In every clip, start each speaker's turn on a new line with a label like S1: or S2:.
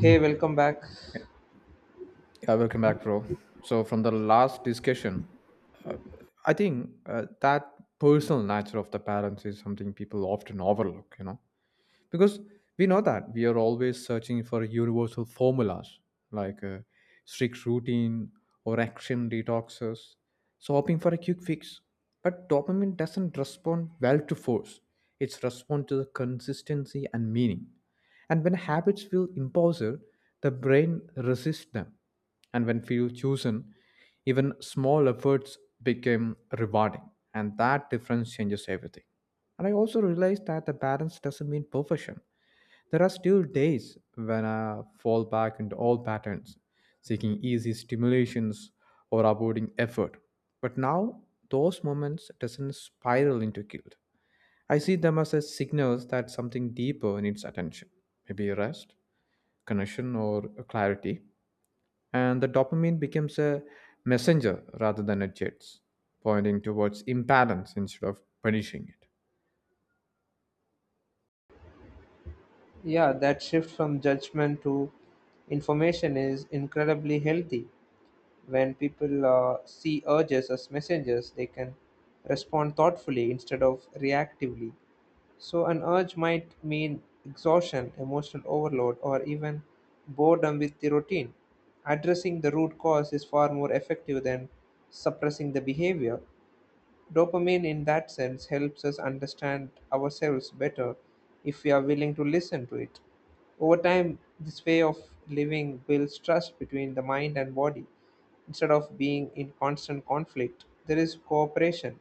S1: Hey, welcome back.
S2: Yeah, welcome back, bro. So, from the last discussion, uh, I think that personal nature of the parents is something people often overlook because we know that we are always searching for universal formulas like strict routine or action detoxes, so hoping for a quick fix, but dopamine doesn't respond well to force. It's respond to the consistency and meaning, and when habits feel impulsive, the brain resists them, and when few chosen, even small efforts become rewarding, and that difference changes everything. And I also realized that the balance doesn't mean perfection. There are still days when I fall back into old patterns, seeking easy stimulations or avoiding effort. But now, those moments doesn't spiral into guilt. I see them as a signals that something deeper needs attention, maybe rest, connection, or clarity. And the dopamine becomes a messenger rather than a jet, pointing towards imbalance instead of punishing it.
S1: Yeah, that shift from judgment to information is incredibly healthy. When people see urges as messengers, they can respond thoughtfully instead of reactively. So, an urge might mean exhaustion, emotional overload, or even boredom with the routine. Addressing the root cause is far more effective than suppressing the behavior. Dopamine, in that sense, helps us understand ourselves better if we are willing to listen to it. Over time, this way of living builds trust between the mind and body. Instead of being in constant conflict, there is cooperation.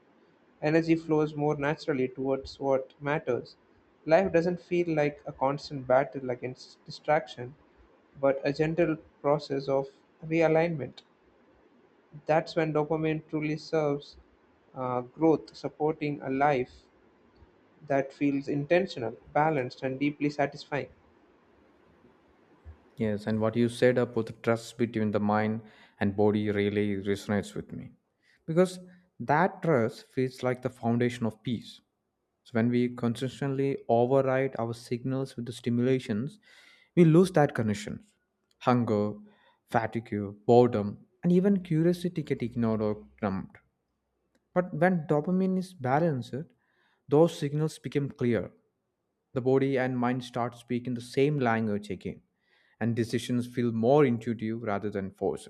S1: Energy flows more naturally towards what matters. Life doesn't feel like a constant battle against distraction, but a gentle process of realignment. That's when dopamine truly serves growth, supporting a life that feels intentional, balanced, and deeply satisfying.
S2: Yes, and what you said about the trust between the mind and body really resonates with me because that trust feels like the foundation of peace. So, when we consistently override our signals with the stimulations, we lose that connection. Hunger, fatigue, boredom, and even curiosity get ignored or numbed. But when dopamine is balanced, those signals become clear. The body and mind start speaking the same language again, and decisions feel more intuitive rather than forced.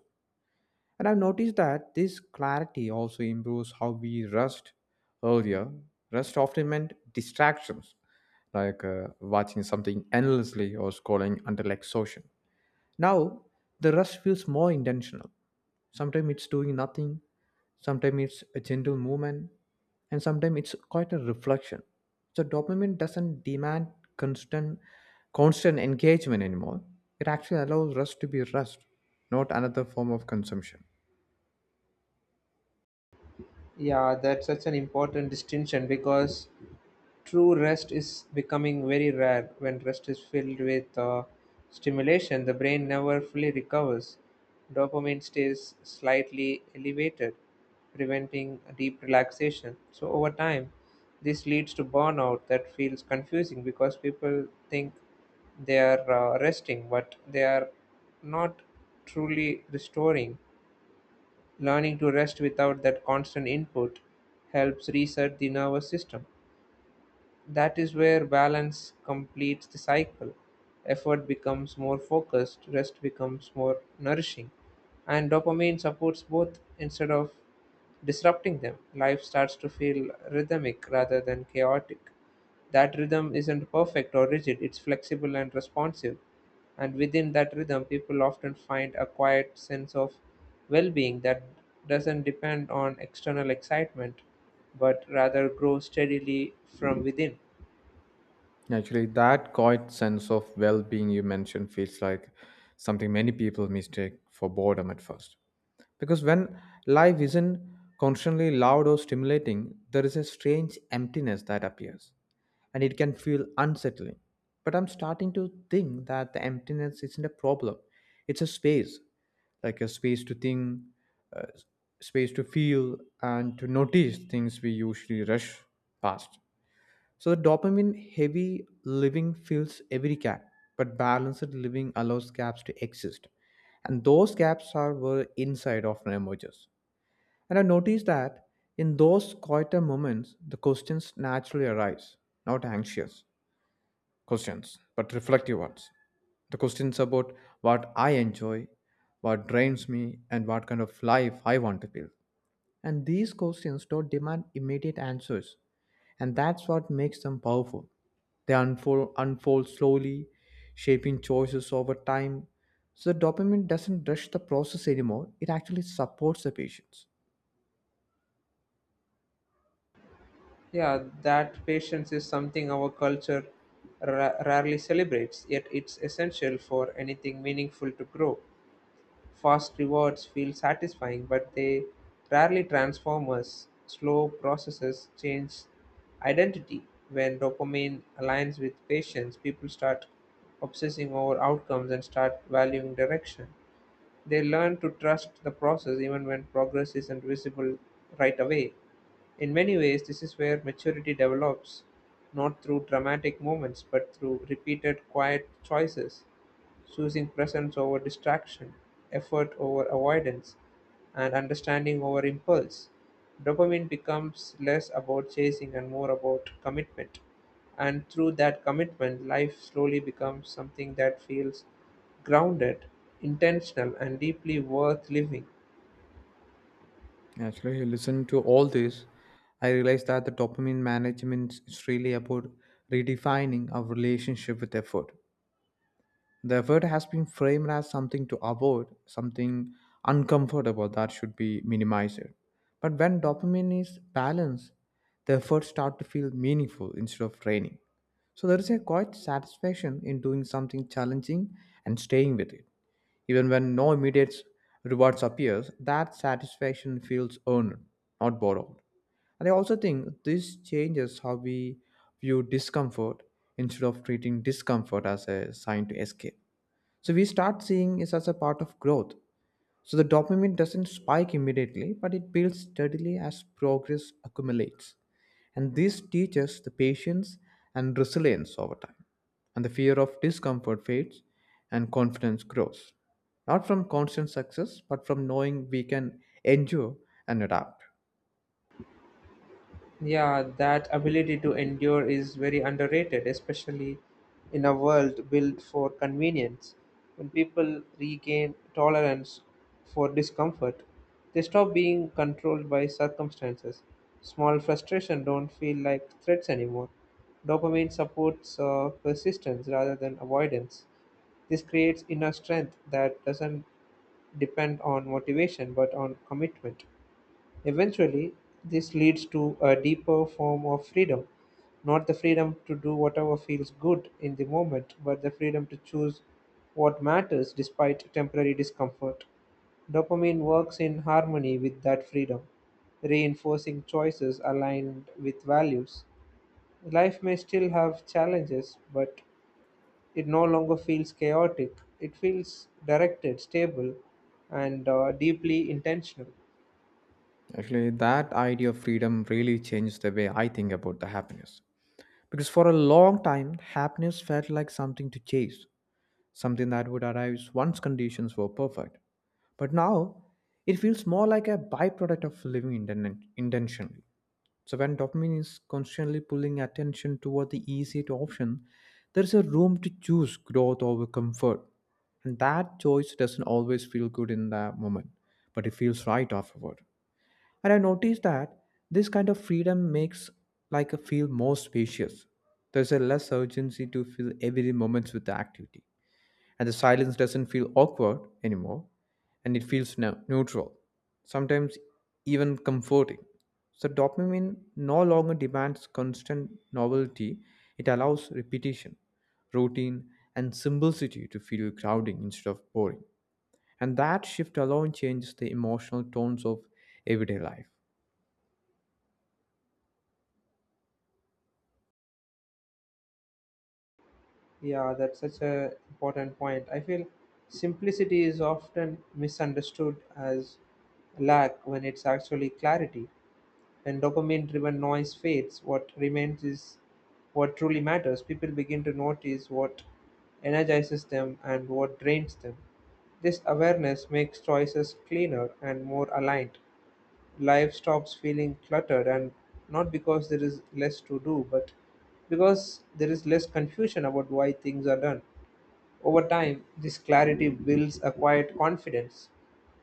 S2: And I've noticed that this clarity also improves how we rest earlier. Rest often meant distractions, like watching something endlessly or scrolling until exhaustion. Now, the rush feels more intentional. Sometimes it's doing nothing, sometimes it's a gentle movement, and sometimes it's quite a reflection. So dopamine doesn't demand constant constant engagement anymore. It actually allows rest to be rest, not another form of consumption.
S1: Yeah, that's such an important distinction because true rest is becoming very rare. When rest is filled with stimulation, the brain never fully recovers. Dopamine stays slightly elevated, preventing deep relaxation. So, over time, this leads to burnout that feels confusing because people think they are resting, but they are not truly restoring. Learning to rest without that constant input helps reset the nervous system. That is where balance completes the cycle. Effort becomes more focused, rest becomes more nourishing, and dopamine supports both instead of disrupting them. Life starts to feel rhythmic rather than chaotic. That rhythm isn't perfect or rigid, it's flexible and responsive. And within that rhythm, people often find a quiet sense of well being that doesn't depend on external excitement but rather grows steadily from within.
S2: Actually, that quiet sense of well being you mentioned feels like something many people mistake for boredom at first. Because when life isn't constantly loud or stimulating, there is a strange emptiness that appears and it can feel unsettling. But I'm starting to think that the emptiness isn't a problem, it's a space, like a space to think, uh, space to feel, and to notice things we usually rush past. So the dopamine heavy living fills every gap, but balanced living allows gaps to exist. And those gaps are where insight often emerges. And I noticed that in those quieter moments, the questions naturally arise, not anxious questions, but reflective ones. The questions about what I enjoy, what drains me, and what kind of life I want to build. And these questions don't demand immediate answers and that's what makes them powerful. They unfold slowly, shaping choices over time. So dopamine doesn't rush the process anymore. It actually supports the patients.
S1: Yeah, that patience is something our culture rarely celebrates, yet it's essential for anything meaningful to grow. Fast rewards feel satisfying, but they rarely transform us. Slow processes change identity. When dopamine aligns with patience, people start obsessing over outcomes and start valuing direction. They learn to trust the process even when progress isn't visible right away. In many ways, this is where maturity develops, not through dramatic moments, but through repeated quiet choices, choosing presence over distraction, effort over avoidance, and understanding over impulse. Dopamine becomes less about chasing and more about commitment. And through that commitment, life slowly becomes something that feels grounded, intentional, and deeply worth living.
S2: Actually, I listen to all this. I realized that the dopamine management is really about redefining our relationship with effort. The word has been framed as something to avoid, something uncomfortable that should be minimized. But when dopamine is balanced, the efforts start to feel meaningful instead of draining. So there is a quite satisfaction in doing something challenging and staying with it. Even when no immediate rewards appears, that satisfaction feels earned, not borrowed. And I also think this changes how we view discomfort instead of treating discomfort as a sign to escape. So we start seeing it as a part of growth. So the dopamine doesn't spike immediately, but it builds steadily as progress accumulates. And this teaches the patience and resilience over time. And the fear of discomfort fades and confidence grows. Not from constant success, but from knowing we can endure and adapt.
S1: Yeah, that ability to endure is very underrated, especially in a world built for convenience. When people regain tolerance for discomfort, they stop being controlled by circumstances. Small frustration don't feel like threats anymore. Dopamine supports persistence rather than avoidance. This creates inner strength that doesn't depend on motivation but on commitment. Eventually, this leads to a deeper form of freedom, not the freedom to do whatever feels good in the moment, but the freedom to choose what matters despite temporary discomfort. Dopamine works in harmony with that freedom, reinforcing choices aligned with values. Life may still have challenges, but it no longer feels chaotic. It feels directed, stable, and deeply intentional.
S2: Actually, that idea of freedom really changed the way I think about the happiness. Because for a long time, happiness felt like something to chase, something that would arise once conditions were perfect. But now, it feels more like a byproduct of living intentionally. So, when dopamine is constantly pulling attention toward the easier option, there is a room to choose growth over comfort. And that choice doesn't always feel good in that moment, but it feels right afterward. And I noticed that this kind of freedom makes like a feel more spacious. There's a less urgency to fill every moment with the activity and the silence doesn't feel awkward anymore and it feels neutral, sometimes even comforting. So, dopamine no longer demands constant novelty, it allows repetition, routine, and simplicity to feel crowding instead of boring. And that shift alone changes the emotional tones of everyday life.
S1: Yeah, that's such a important point. I feel simplicity is often misunderstood as lack when it's actually clarity. When dopamine driven noise fades, what remains is what truly matters. People begin to notice what energizes them and what drains them. This awareness makes choices cleaner and more aligned. Life stops feeling cluttered, and not because there is less to do, but because there is less confusion about why things are done. Over time, this clarity builds a quiet confidence,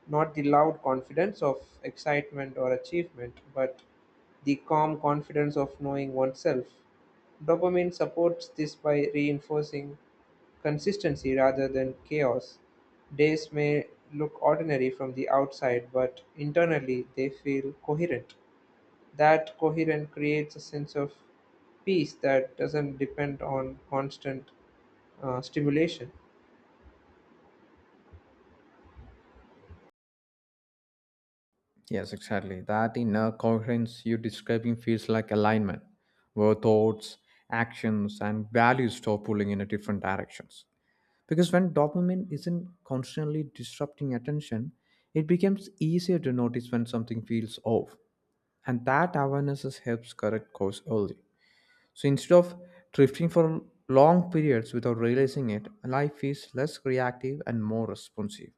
S1: not the loud confidence of excitement or achievement, but the calm confidence of knowing oneself. Dopamine supports this by reinforcing consistency rather than chaos. Days may look ordinary from the outside, but internally they feel coherent. That coherence creates a sense of peace that doesn't depend on constant stimulation.
S2: Yes, exactly. That inner coherence you're describing feels like alignment, where thoughts, actions, and values stop pulling in a different directions. Because when dopamine isn't constantly disrupting attention, it becomes easier to notice when something feels off. And that helps correct course early. So instead of drifting for long periods without realizing it, life is less reactive and more responsive,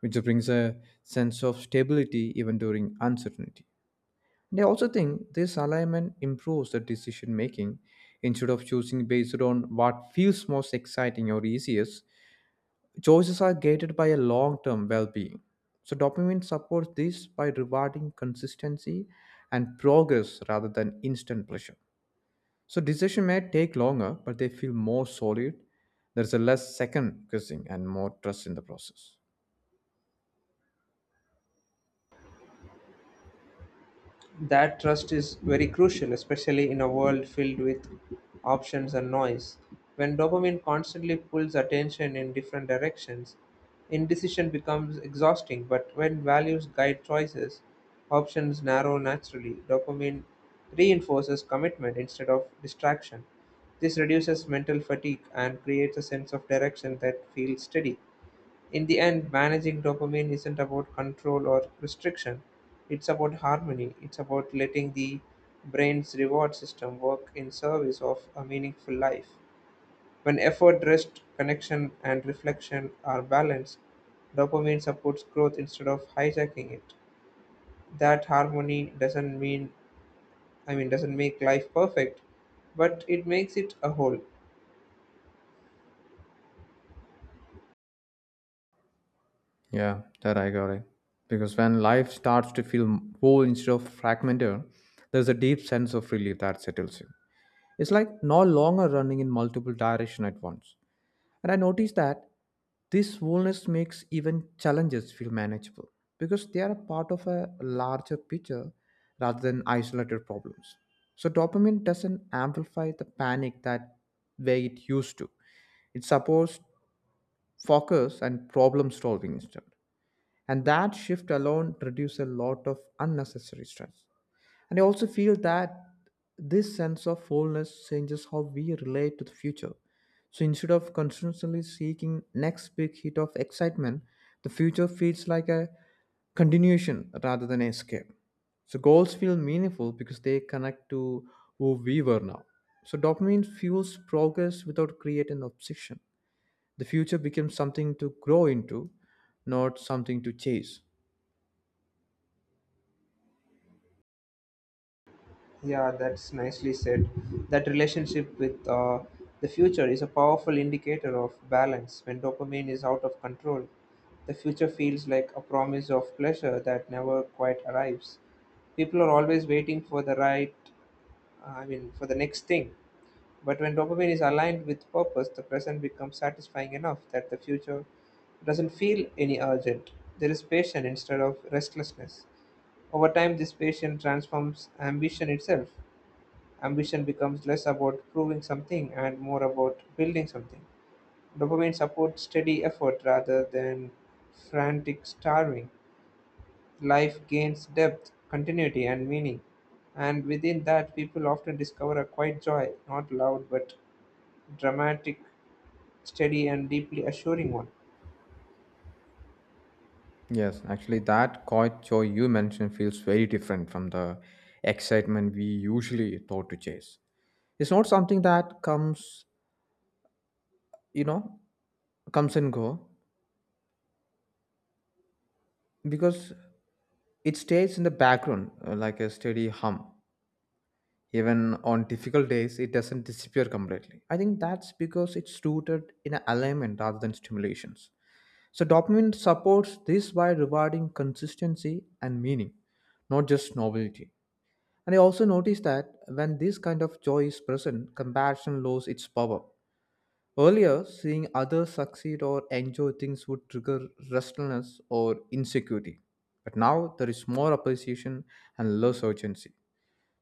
S2: which brings a sense of stability even during uncertainty. And I also think this alignment improves the decision making. Instead of choosing based on what feels most exciting or easiest, choices are gated by a long term well being. So, dopamine supports this by rewarding consistency and progress rather than instant pleasure. So, decision may take longer, but they feel more solid. There's a less second guessing and more trust in the process.
S1: That trust is very crucial, especially in a world filled with options and noise. When dopamine constantly pulls attention in different directions, indecision becomes exhausting. But when values guide choices, options narrow naturally. Dopamine reinforces commitment instead of distraction. This reduces mental fatigue and creates a sense of direction that feels steady. In the end, managing dopamine isn't about control or restriction. It's about harmony. It's about letting the brain's reward system work in service of a meaningful life. When effort, rest, connection, and reflection are balanced, dopamine supports growth instead of hijacking it. That harmony doesn't mean, I mean, doesn't make life perfect, but it makes it a whole.
S2: Yeah, that I got it. Because when life starts to feel whole instead of fragmented, there's a deep sense of relief that settles in. It's like no longer running in multiple directions at once. And I noticed that this boldness makes even challenges feel manageable because they are a part of a larger picture rather than isolated problems. So dopamine doesn't amplify the panic that way it used to. It supports focus and problem solving instead. And that shift alone reduces a lot of unnecessary stress. And I also feel that this sense of wholeness changes how we relate to the future. So instead of constantly seeking next big hit of excitement, the future feels like a continuation rather than escape. So goals feel meaningful because they connect to who we were now. So dopamine fuels progress without creating obsession. The future becomes something to grow into, not something to chase.
S1: Yeah, that's nicely said. That relationship with the future is a powerful indicator of balance. When dopamine is out of control, the future feels like a promise of pleasure that never quite arrives. People are always waiting for the right, I mean, for the next thing. But when dopamine is aligned with purpose, the present becomes satisfying enough that the future doesn't feel any urgent. There is patience instead of restlessness. Over time, this patience transforms ambition itself. Ambition becomes less about proving something and more about building something. Dopamine supports steady effort rather than frantic starving. Life gains depth, continuity, and meaning. And within that, people often discover a quiet joy, not loud but dramatic, steady, and deeply assuring one.
S2: Yes, actually, that quiet joy you mentioned feels very different from the excitement we usually thought to chase. It's not something that you know, comes and go because it stays in the background like a steady hum. Even on difficult days, it doesn't disappear completely. I think that's because it's rooted in an alignment rather than stimulations. So, dopamine supports this by rewarding consistency and meaning, not just novelty. And I also noticed that when this kind of joy is present, compassion loses its power. Earlier, seeing others succeed or enjoy things would trigger restlessness or insecurity. But now there is more appreciation and less urgency.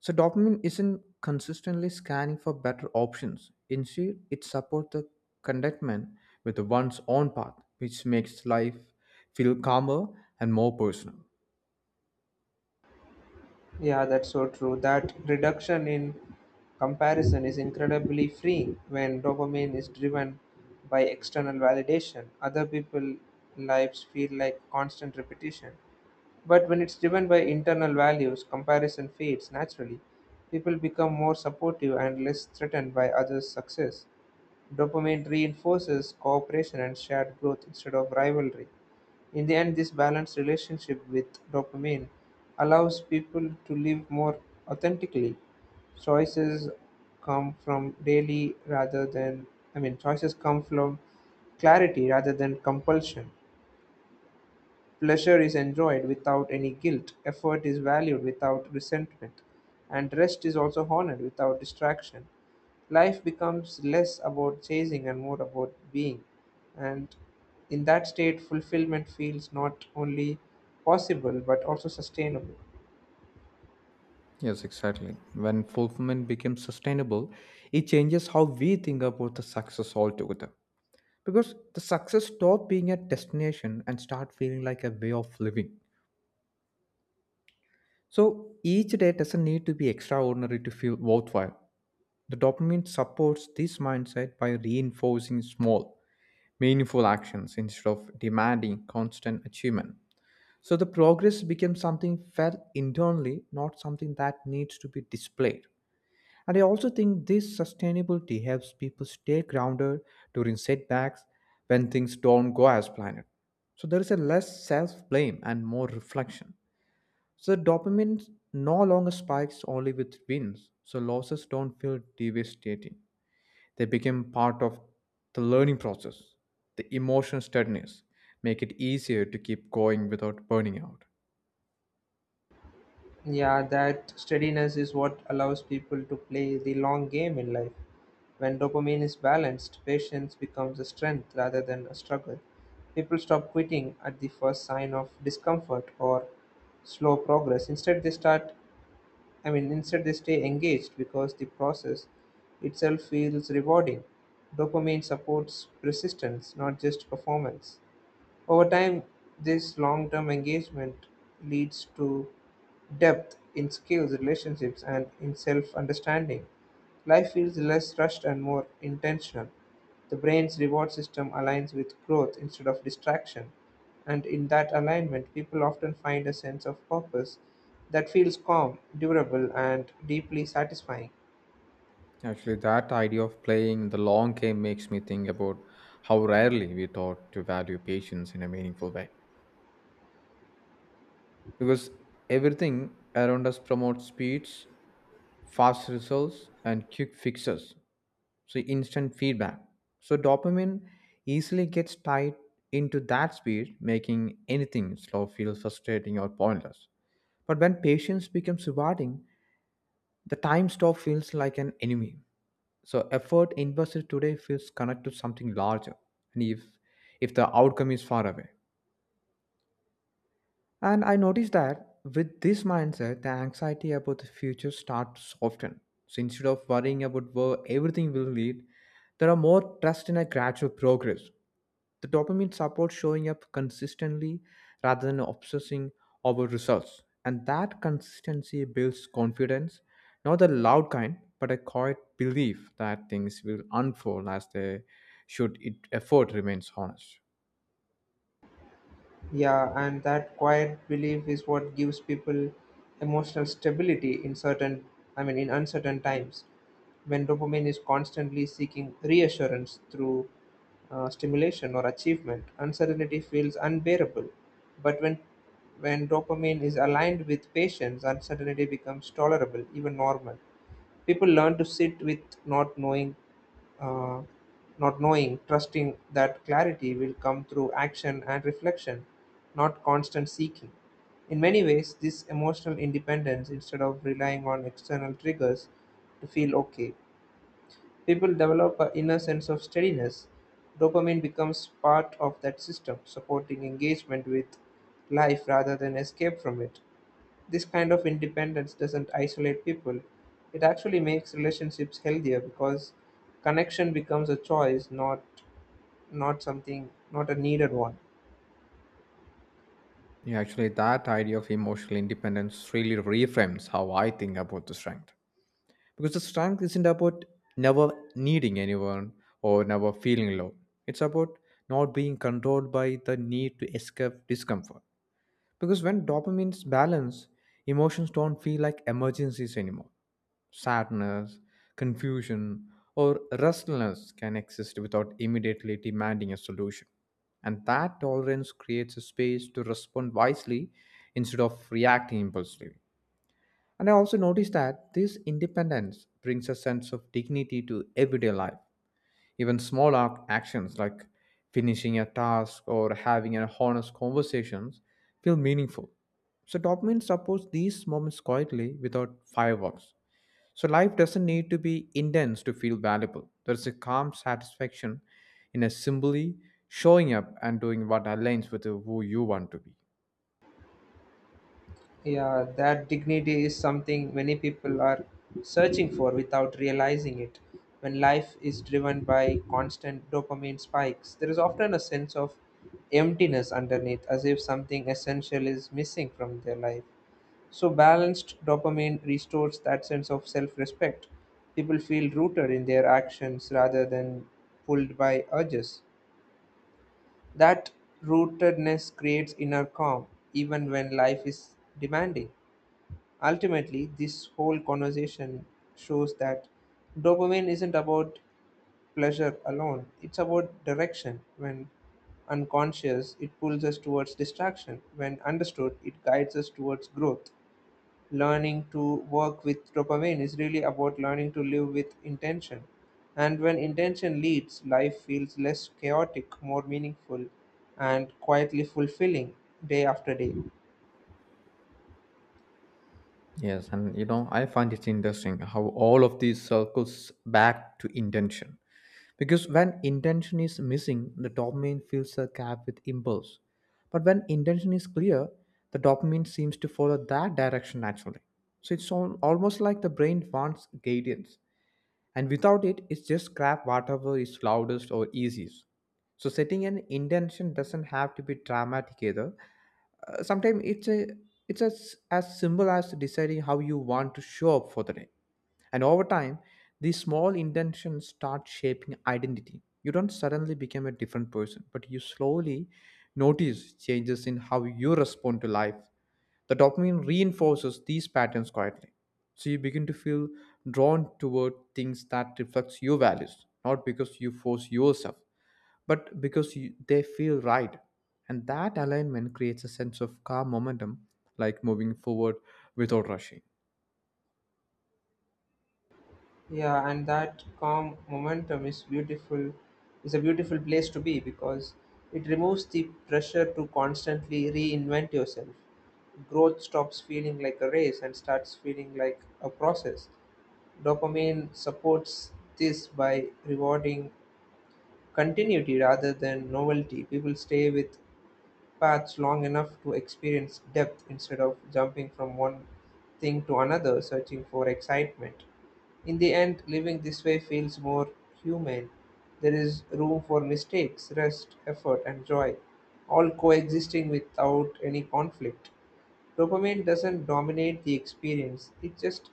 S2: So dopamine isn't consistently scanning for better options. Instead, it supports the contentment with one's own path, which makes life feel calmer and more personal.
S1: Yeah, that's so true. That reduction in comparison is incredibly freeing when dopamine is driven by external validation. Other people's lives feel like constant repetition. But when it's driven by internal values, comparison fades naturally. People become more supportive and less threatened by others' success. Dopamine reinforces cooperation and shared growth instead of rivalry. In the end, this balanced relationship with dopamine allows people to live more authentically. Choices come from daily rather than, choices come from clarity rather than compulsion. Pleasure is enjoyed without any guilt, effort is valued without resentment, and rest is also honored without distraction. Life becomes less about chasing and more about being. And in that state, fulfillment feels not only possible but also sustainable.
S2: Yes, exactly. When fulfillment becomes sustainable, it changes how we think about the success altogether. Because the success stop being a destination and start feeling like a way of living. So each day doesn't need to be extraordinary to feel worthwhile. The dopamine supports this mindset by reinforcing small, meaningful actions instead of demanding constant achievement. So the progress becomes something felt internally, not something that needs to be displayed. And I also think this sustainability helps people stay grounded during setbacks when things don't go as planned. So there is a less self blame and more reflection. So dopamine no longer spikes only with wins, so losses don't feel devastating. They become part of the learning process. The emotional steadiness make it easier to keep going without burning out.
S1: Yeah, that steadiness is what allows people to play the long game in life. When dopamine is balanced, patience becomes a strength rather than a struggle. People stop quitting at the first sign of discomfort or slow progress. Instead, they start, I mean, instead, they stay engaged because the process itself feels rewarding. Dopamine supports persistence, not just performance. Over time, this long term engagement leads to depth in skills, relationships, and in self understanding. Life feels less rushed and more intentional. The brain's reward system aligns with growth instead of distraction, and in that alignment, people often find a sense of purpose that feels calm, durable, and deeply satisfying.
S2: Actually, that idea of playing the long game makes me think about how rarely we taught to value patience in a meaningful way. Because everything around us promotes speeds, fast results, and quick fixes. So, instant feedback. So, dopamine easily gets tied into that speed, making anything slow feel frustrating or pointless. But when patience becomes rewarding, the time stop feels like an enemy. So effort invested today feels connected to something larger, and if the outcome is far away. And I noticed that with this mindset, the anxiety about the future starts to soften. So instead of worrying about where everything will lead, there are more trust in a gradual progress. The dopamine supports showing up consistently rather than obsessing over results. And that consistency builds confidence, not the loud kind, but a quiet belief that things will unfold as they should if effort remains honest.
S1: Yeah, and that quiet belief is what gives people emotional stability in in uncertain times. When dopamine is constantly seeking reassurance through stimulation or achievement, uncertainty feels unbearable. But when dopamine is aligned with patience, uncertainty becomes tolerable, even normal. People learn to sit with not knowing, uh, trusting that clarity will come through action and reflection, not constant seeking. In many ways, this emotional independence, instead of relying on external triggers to feel okay, people develop an inner sense of steadiness. Dopamine becomes part of that system, supporting engagement with life rather than escape from it. This kind of independence doesn't isolate people. It actually makes relationships healthier because connection becomes a choice, not something not a needed one.
S2: Yeah, actually, that idea of emotional independence really reframes how I think about the strength. Because the strength isn't about never needing anyone or never feeling low. It's about not being controlled by the need to escape discomfort. Because when dopamine is balanced, emotions don't feel like emergencies anymore. Sadness, confusion, or restlessness can exist without immediately demanding a solution. And that tolerance creates a space to respond wisely instead of reacting impulsively. And I also noticed that this independence brings a sense of dignity to everyday life, even small actions like finishing a task or having an honest conversations feel meaningful. So dopamine supports these moments quietly without fireworks. So life doesn't need to be intense to feel valuable. There's a calm satisfaction in a simply showing up and doing what aligns with who you want to be.
S1: Yeah, that dignity is something many people are searching for without realizing it. When life is driven by constant dopamine spikes, there is often a sense of emptiness underneath, as if something essential is missing from their life. So, balanced dopamine restores that sense of self respect. People feel rooted in their actions rather than pulled by urges. That rootedness creates inner calm, even when life is demanding. Ultimately, this whole conversation shows that dopamine isn't about pleasure alone, it's about direction. When unconscious, it pulls us towards distraction. When understood, it guides us towards growth. Learning to work with dopamine is really about learning to live with intention. And when intention leads, life feels less chaotic, more meaningful, and quietly fulfilling day after day.
S2: Yes, and you know, I find it interesting how all of these circles back to intention. Because when intention is missing, the dopamine fills the gap with impulse. But when intention is clear, the dopamine seems to follow that direction naturally. So it's almost like the brain wants guidance, and without it, it's just scrap whatever is loudest or easiest. So setting an intention doesn't have to be dramatic either. Sometimes it's a it's as simple as deciding how you want to show up for the day. And over time, these small intentions start shaping identity. You don't suddenly become a different person, but you slowly notice changes in how you respond to life. The dopamine reinforces these patterns quietly, so you begin to feel drawn toward things that reflects your values, not because you force yourself but because you, they feel right, and that alignment creates a sense of calm momentum, like moving forward without rushing.
S1: Yeah, and that calm momentum is beautiful, is a beautiful place to be because it removes the pressure to constantly reinvent yourself. Growth stops feeling like a race and starts feeling like a process. Dopamine supports this by rewarding continuity rather than novelty; people stay with paths long enough to experience depth instead of jumping from one thing to another searching for excitement. In the end, living this way feels more humane. There is room for mistakes, rest, effort, and joy, all coexisting without any conflict. Dopamine doesn't dominate the experience, it just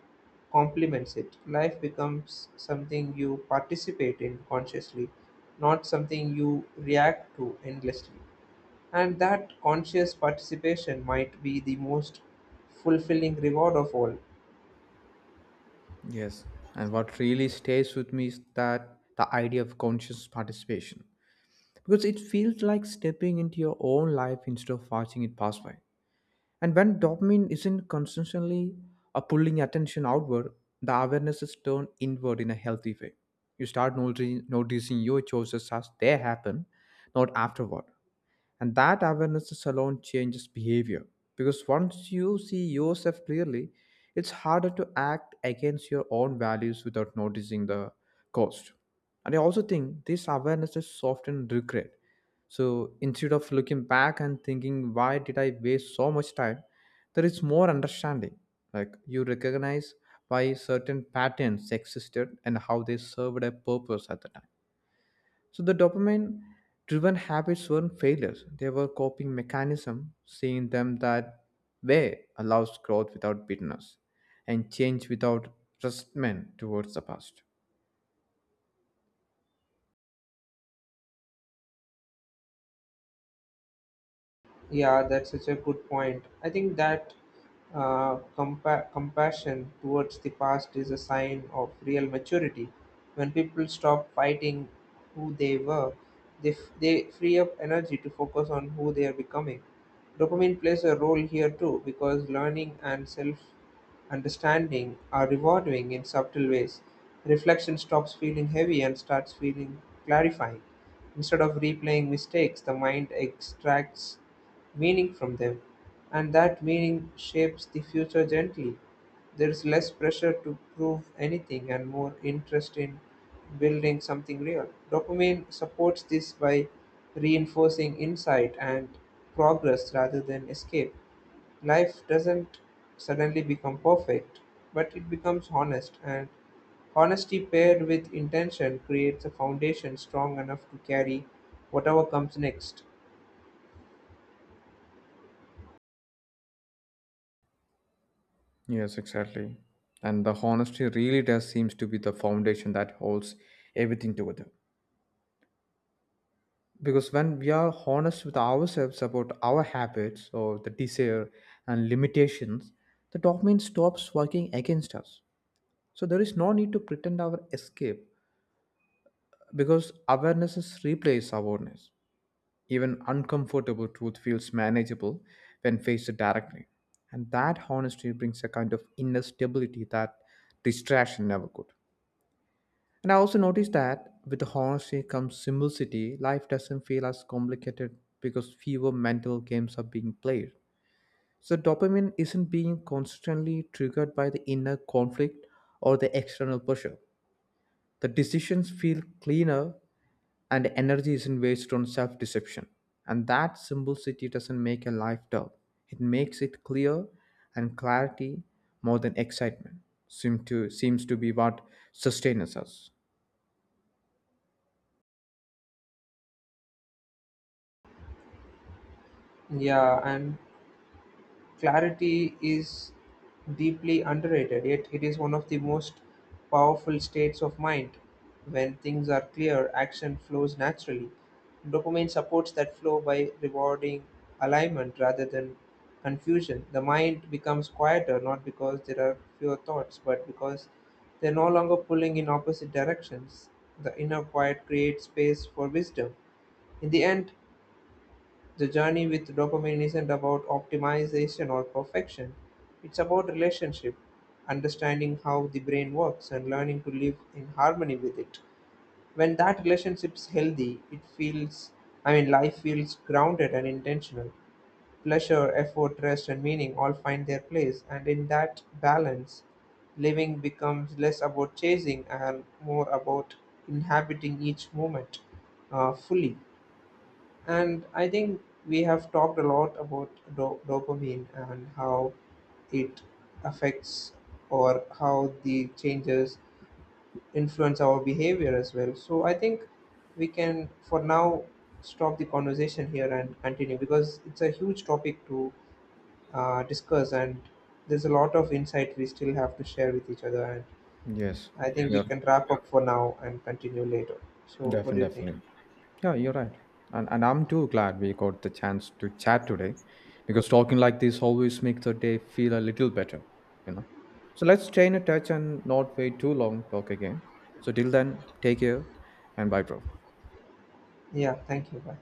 S1: complements it. Life becomes something you participate in consciously, not something you react to endlessly. And that conscious participation might be the most fulfilling reward of all.
S2: Yes, and what really stays with me is that the idea of conscious participation, because it feels like stepping into your own life instead of watching it pass by. And when dopamine isn't constantly pulling attention outward, the awareness is turned inward in a healthy way. You start noticing your choices as they happen, not afterward. And that awareness alone changes behavior, because once you see yourself clearly, it's harder to act against your own values without noticing the cost. And I also think this awareness is often regret. So instead of looking back and thinking, why did I waste so much time? There is more understanding. Like you recognize why certain patterns existed and how they served a purpose at the time. So the dopamine driven habits weren't failures. They were coping mechanism, seeing them that way allows growth without bitterness and change without resentment towards the past.
S1: Yeah, that's such a good point. I think that compassion towards the past is a sign of real maturity. When people stop fighting who they were, they free up energy to focus on who they are becoming. Dopamine plays a role here too because learning and self understanding are rewarding in subtle ways. Reflection stops feeling heavy and starts feeling clarifying. Instead of replaying mistakes, the mind extracts meaning from them, and that meaning shapes the future gently. There is less pressure to prove anything and more interest in building something real. Dopamine supports this by reinforcing insight and progress rather than escape. Life doesn't suddenly become perfect, but it becomes honest, and honesty paired with intention creates a foundation strong enough to carry whatever comes next.
S2: Yes, exactly. And the honesty really does seems to be the foundation that holds everything together. Because when we are honest with ourselves about our habits or the desire and limitations, the dopamine stops working against us. So there is no need to pretend our escape because awarenesses replace awareness. Even uncomfortable truth feels manageable when faced directly. And that honesty brings a kind of inner stability that distraction never could. And I also noticed that with the honesty comes simplicity, life doesn't feel as complicated because fewer mental games are being played. So dopamine isn't being constantly triggered by the inner conflict or the external pressure. The decisions feel cleaner and energy isn't wasted on self deception. And that simplicity doesn't make a life dull, it makes it clear, and clarity more than excitement. Seems to be what sustains us.
S1: Yeah, and clarity is deeply underrated, yet it is one of the most powerful states of mind. When things are clear, action flows naturally. Dopamine supports that flow by rewarding alignment rather than confusion. The mind becomes quieter not because there are fewer thoughts, but because they're no longer pulling in opposite directions. The inner quiet creates space for wisdom. In the end, the journey with dopamine isn't about optimization or perfection. It's about relationship, understanding how the brain works and learning to live in harmony with it. When that relationship's healthy, it feels, I mean, life feels grounded and intentional. Pleasure, effort, rest, and meaning all find their place, and in that balance, living becomes less about chasing and more about inhabiting each moment fully. And I think we have talked a lot about dopamine and how it affects or how the changes influence our behavior as well. So I think we can, for now, stop the conversation here and continue because it's a huge topic to discuss and there's a lot of insight we still have to share with each other. And
S2: Yes,
S1: I think we
S2: you're
S1: Yes. can wrap up for now and continue later. So, what
S2: Definitely,
S1: do you think?
S2: definitely. Yeah, you're right. And I'm too glad we got the chance to chat today, because talking like this always makes the day feel a little better, you know. So let's stay in touch and not wait too long to talk again. So till then, take care and bye, bro.
S1: Yeah, thank you. Bye.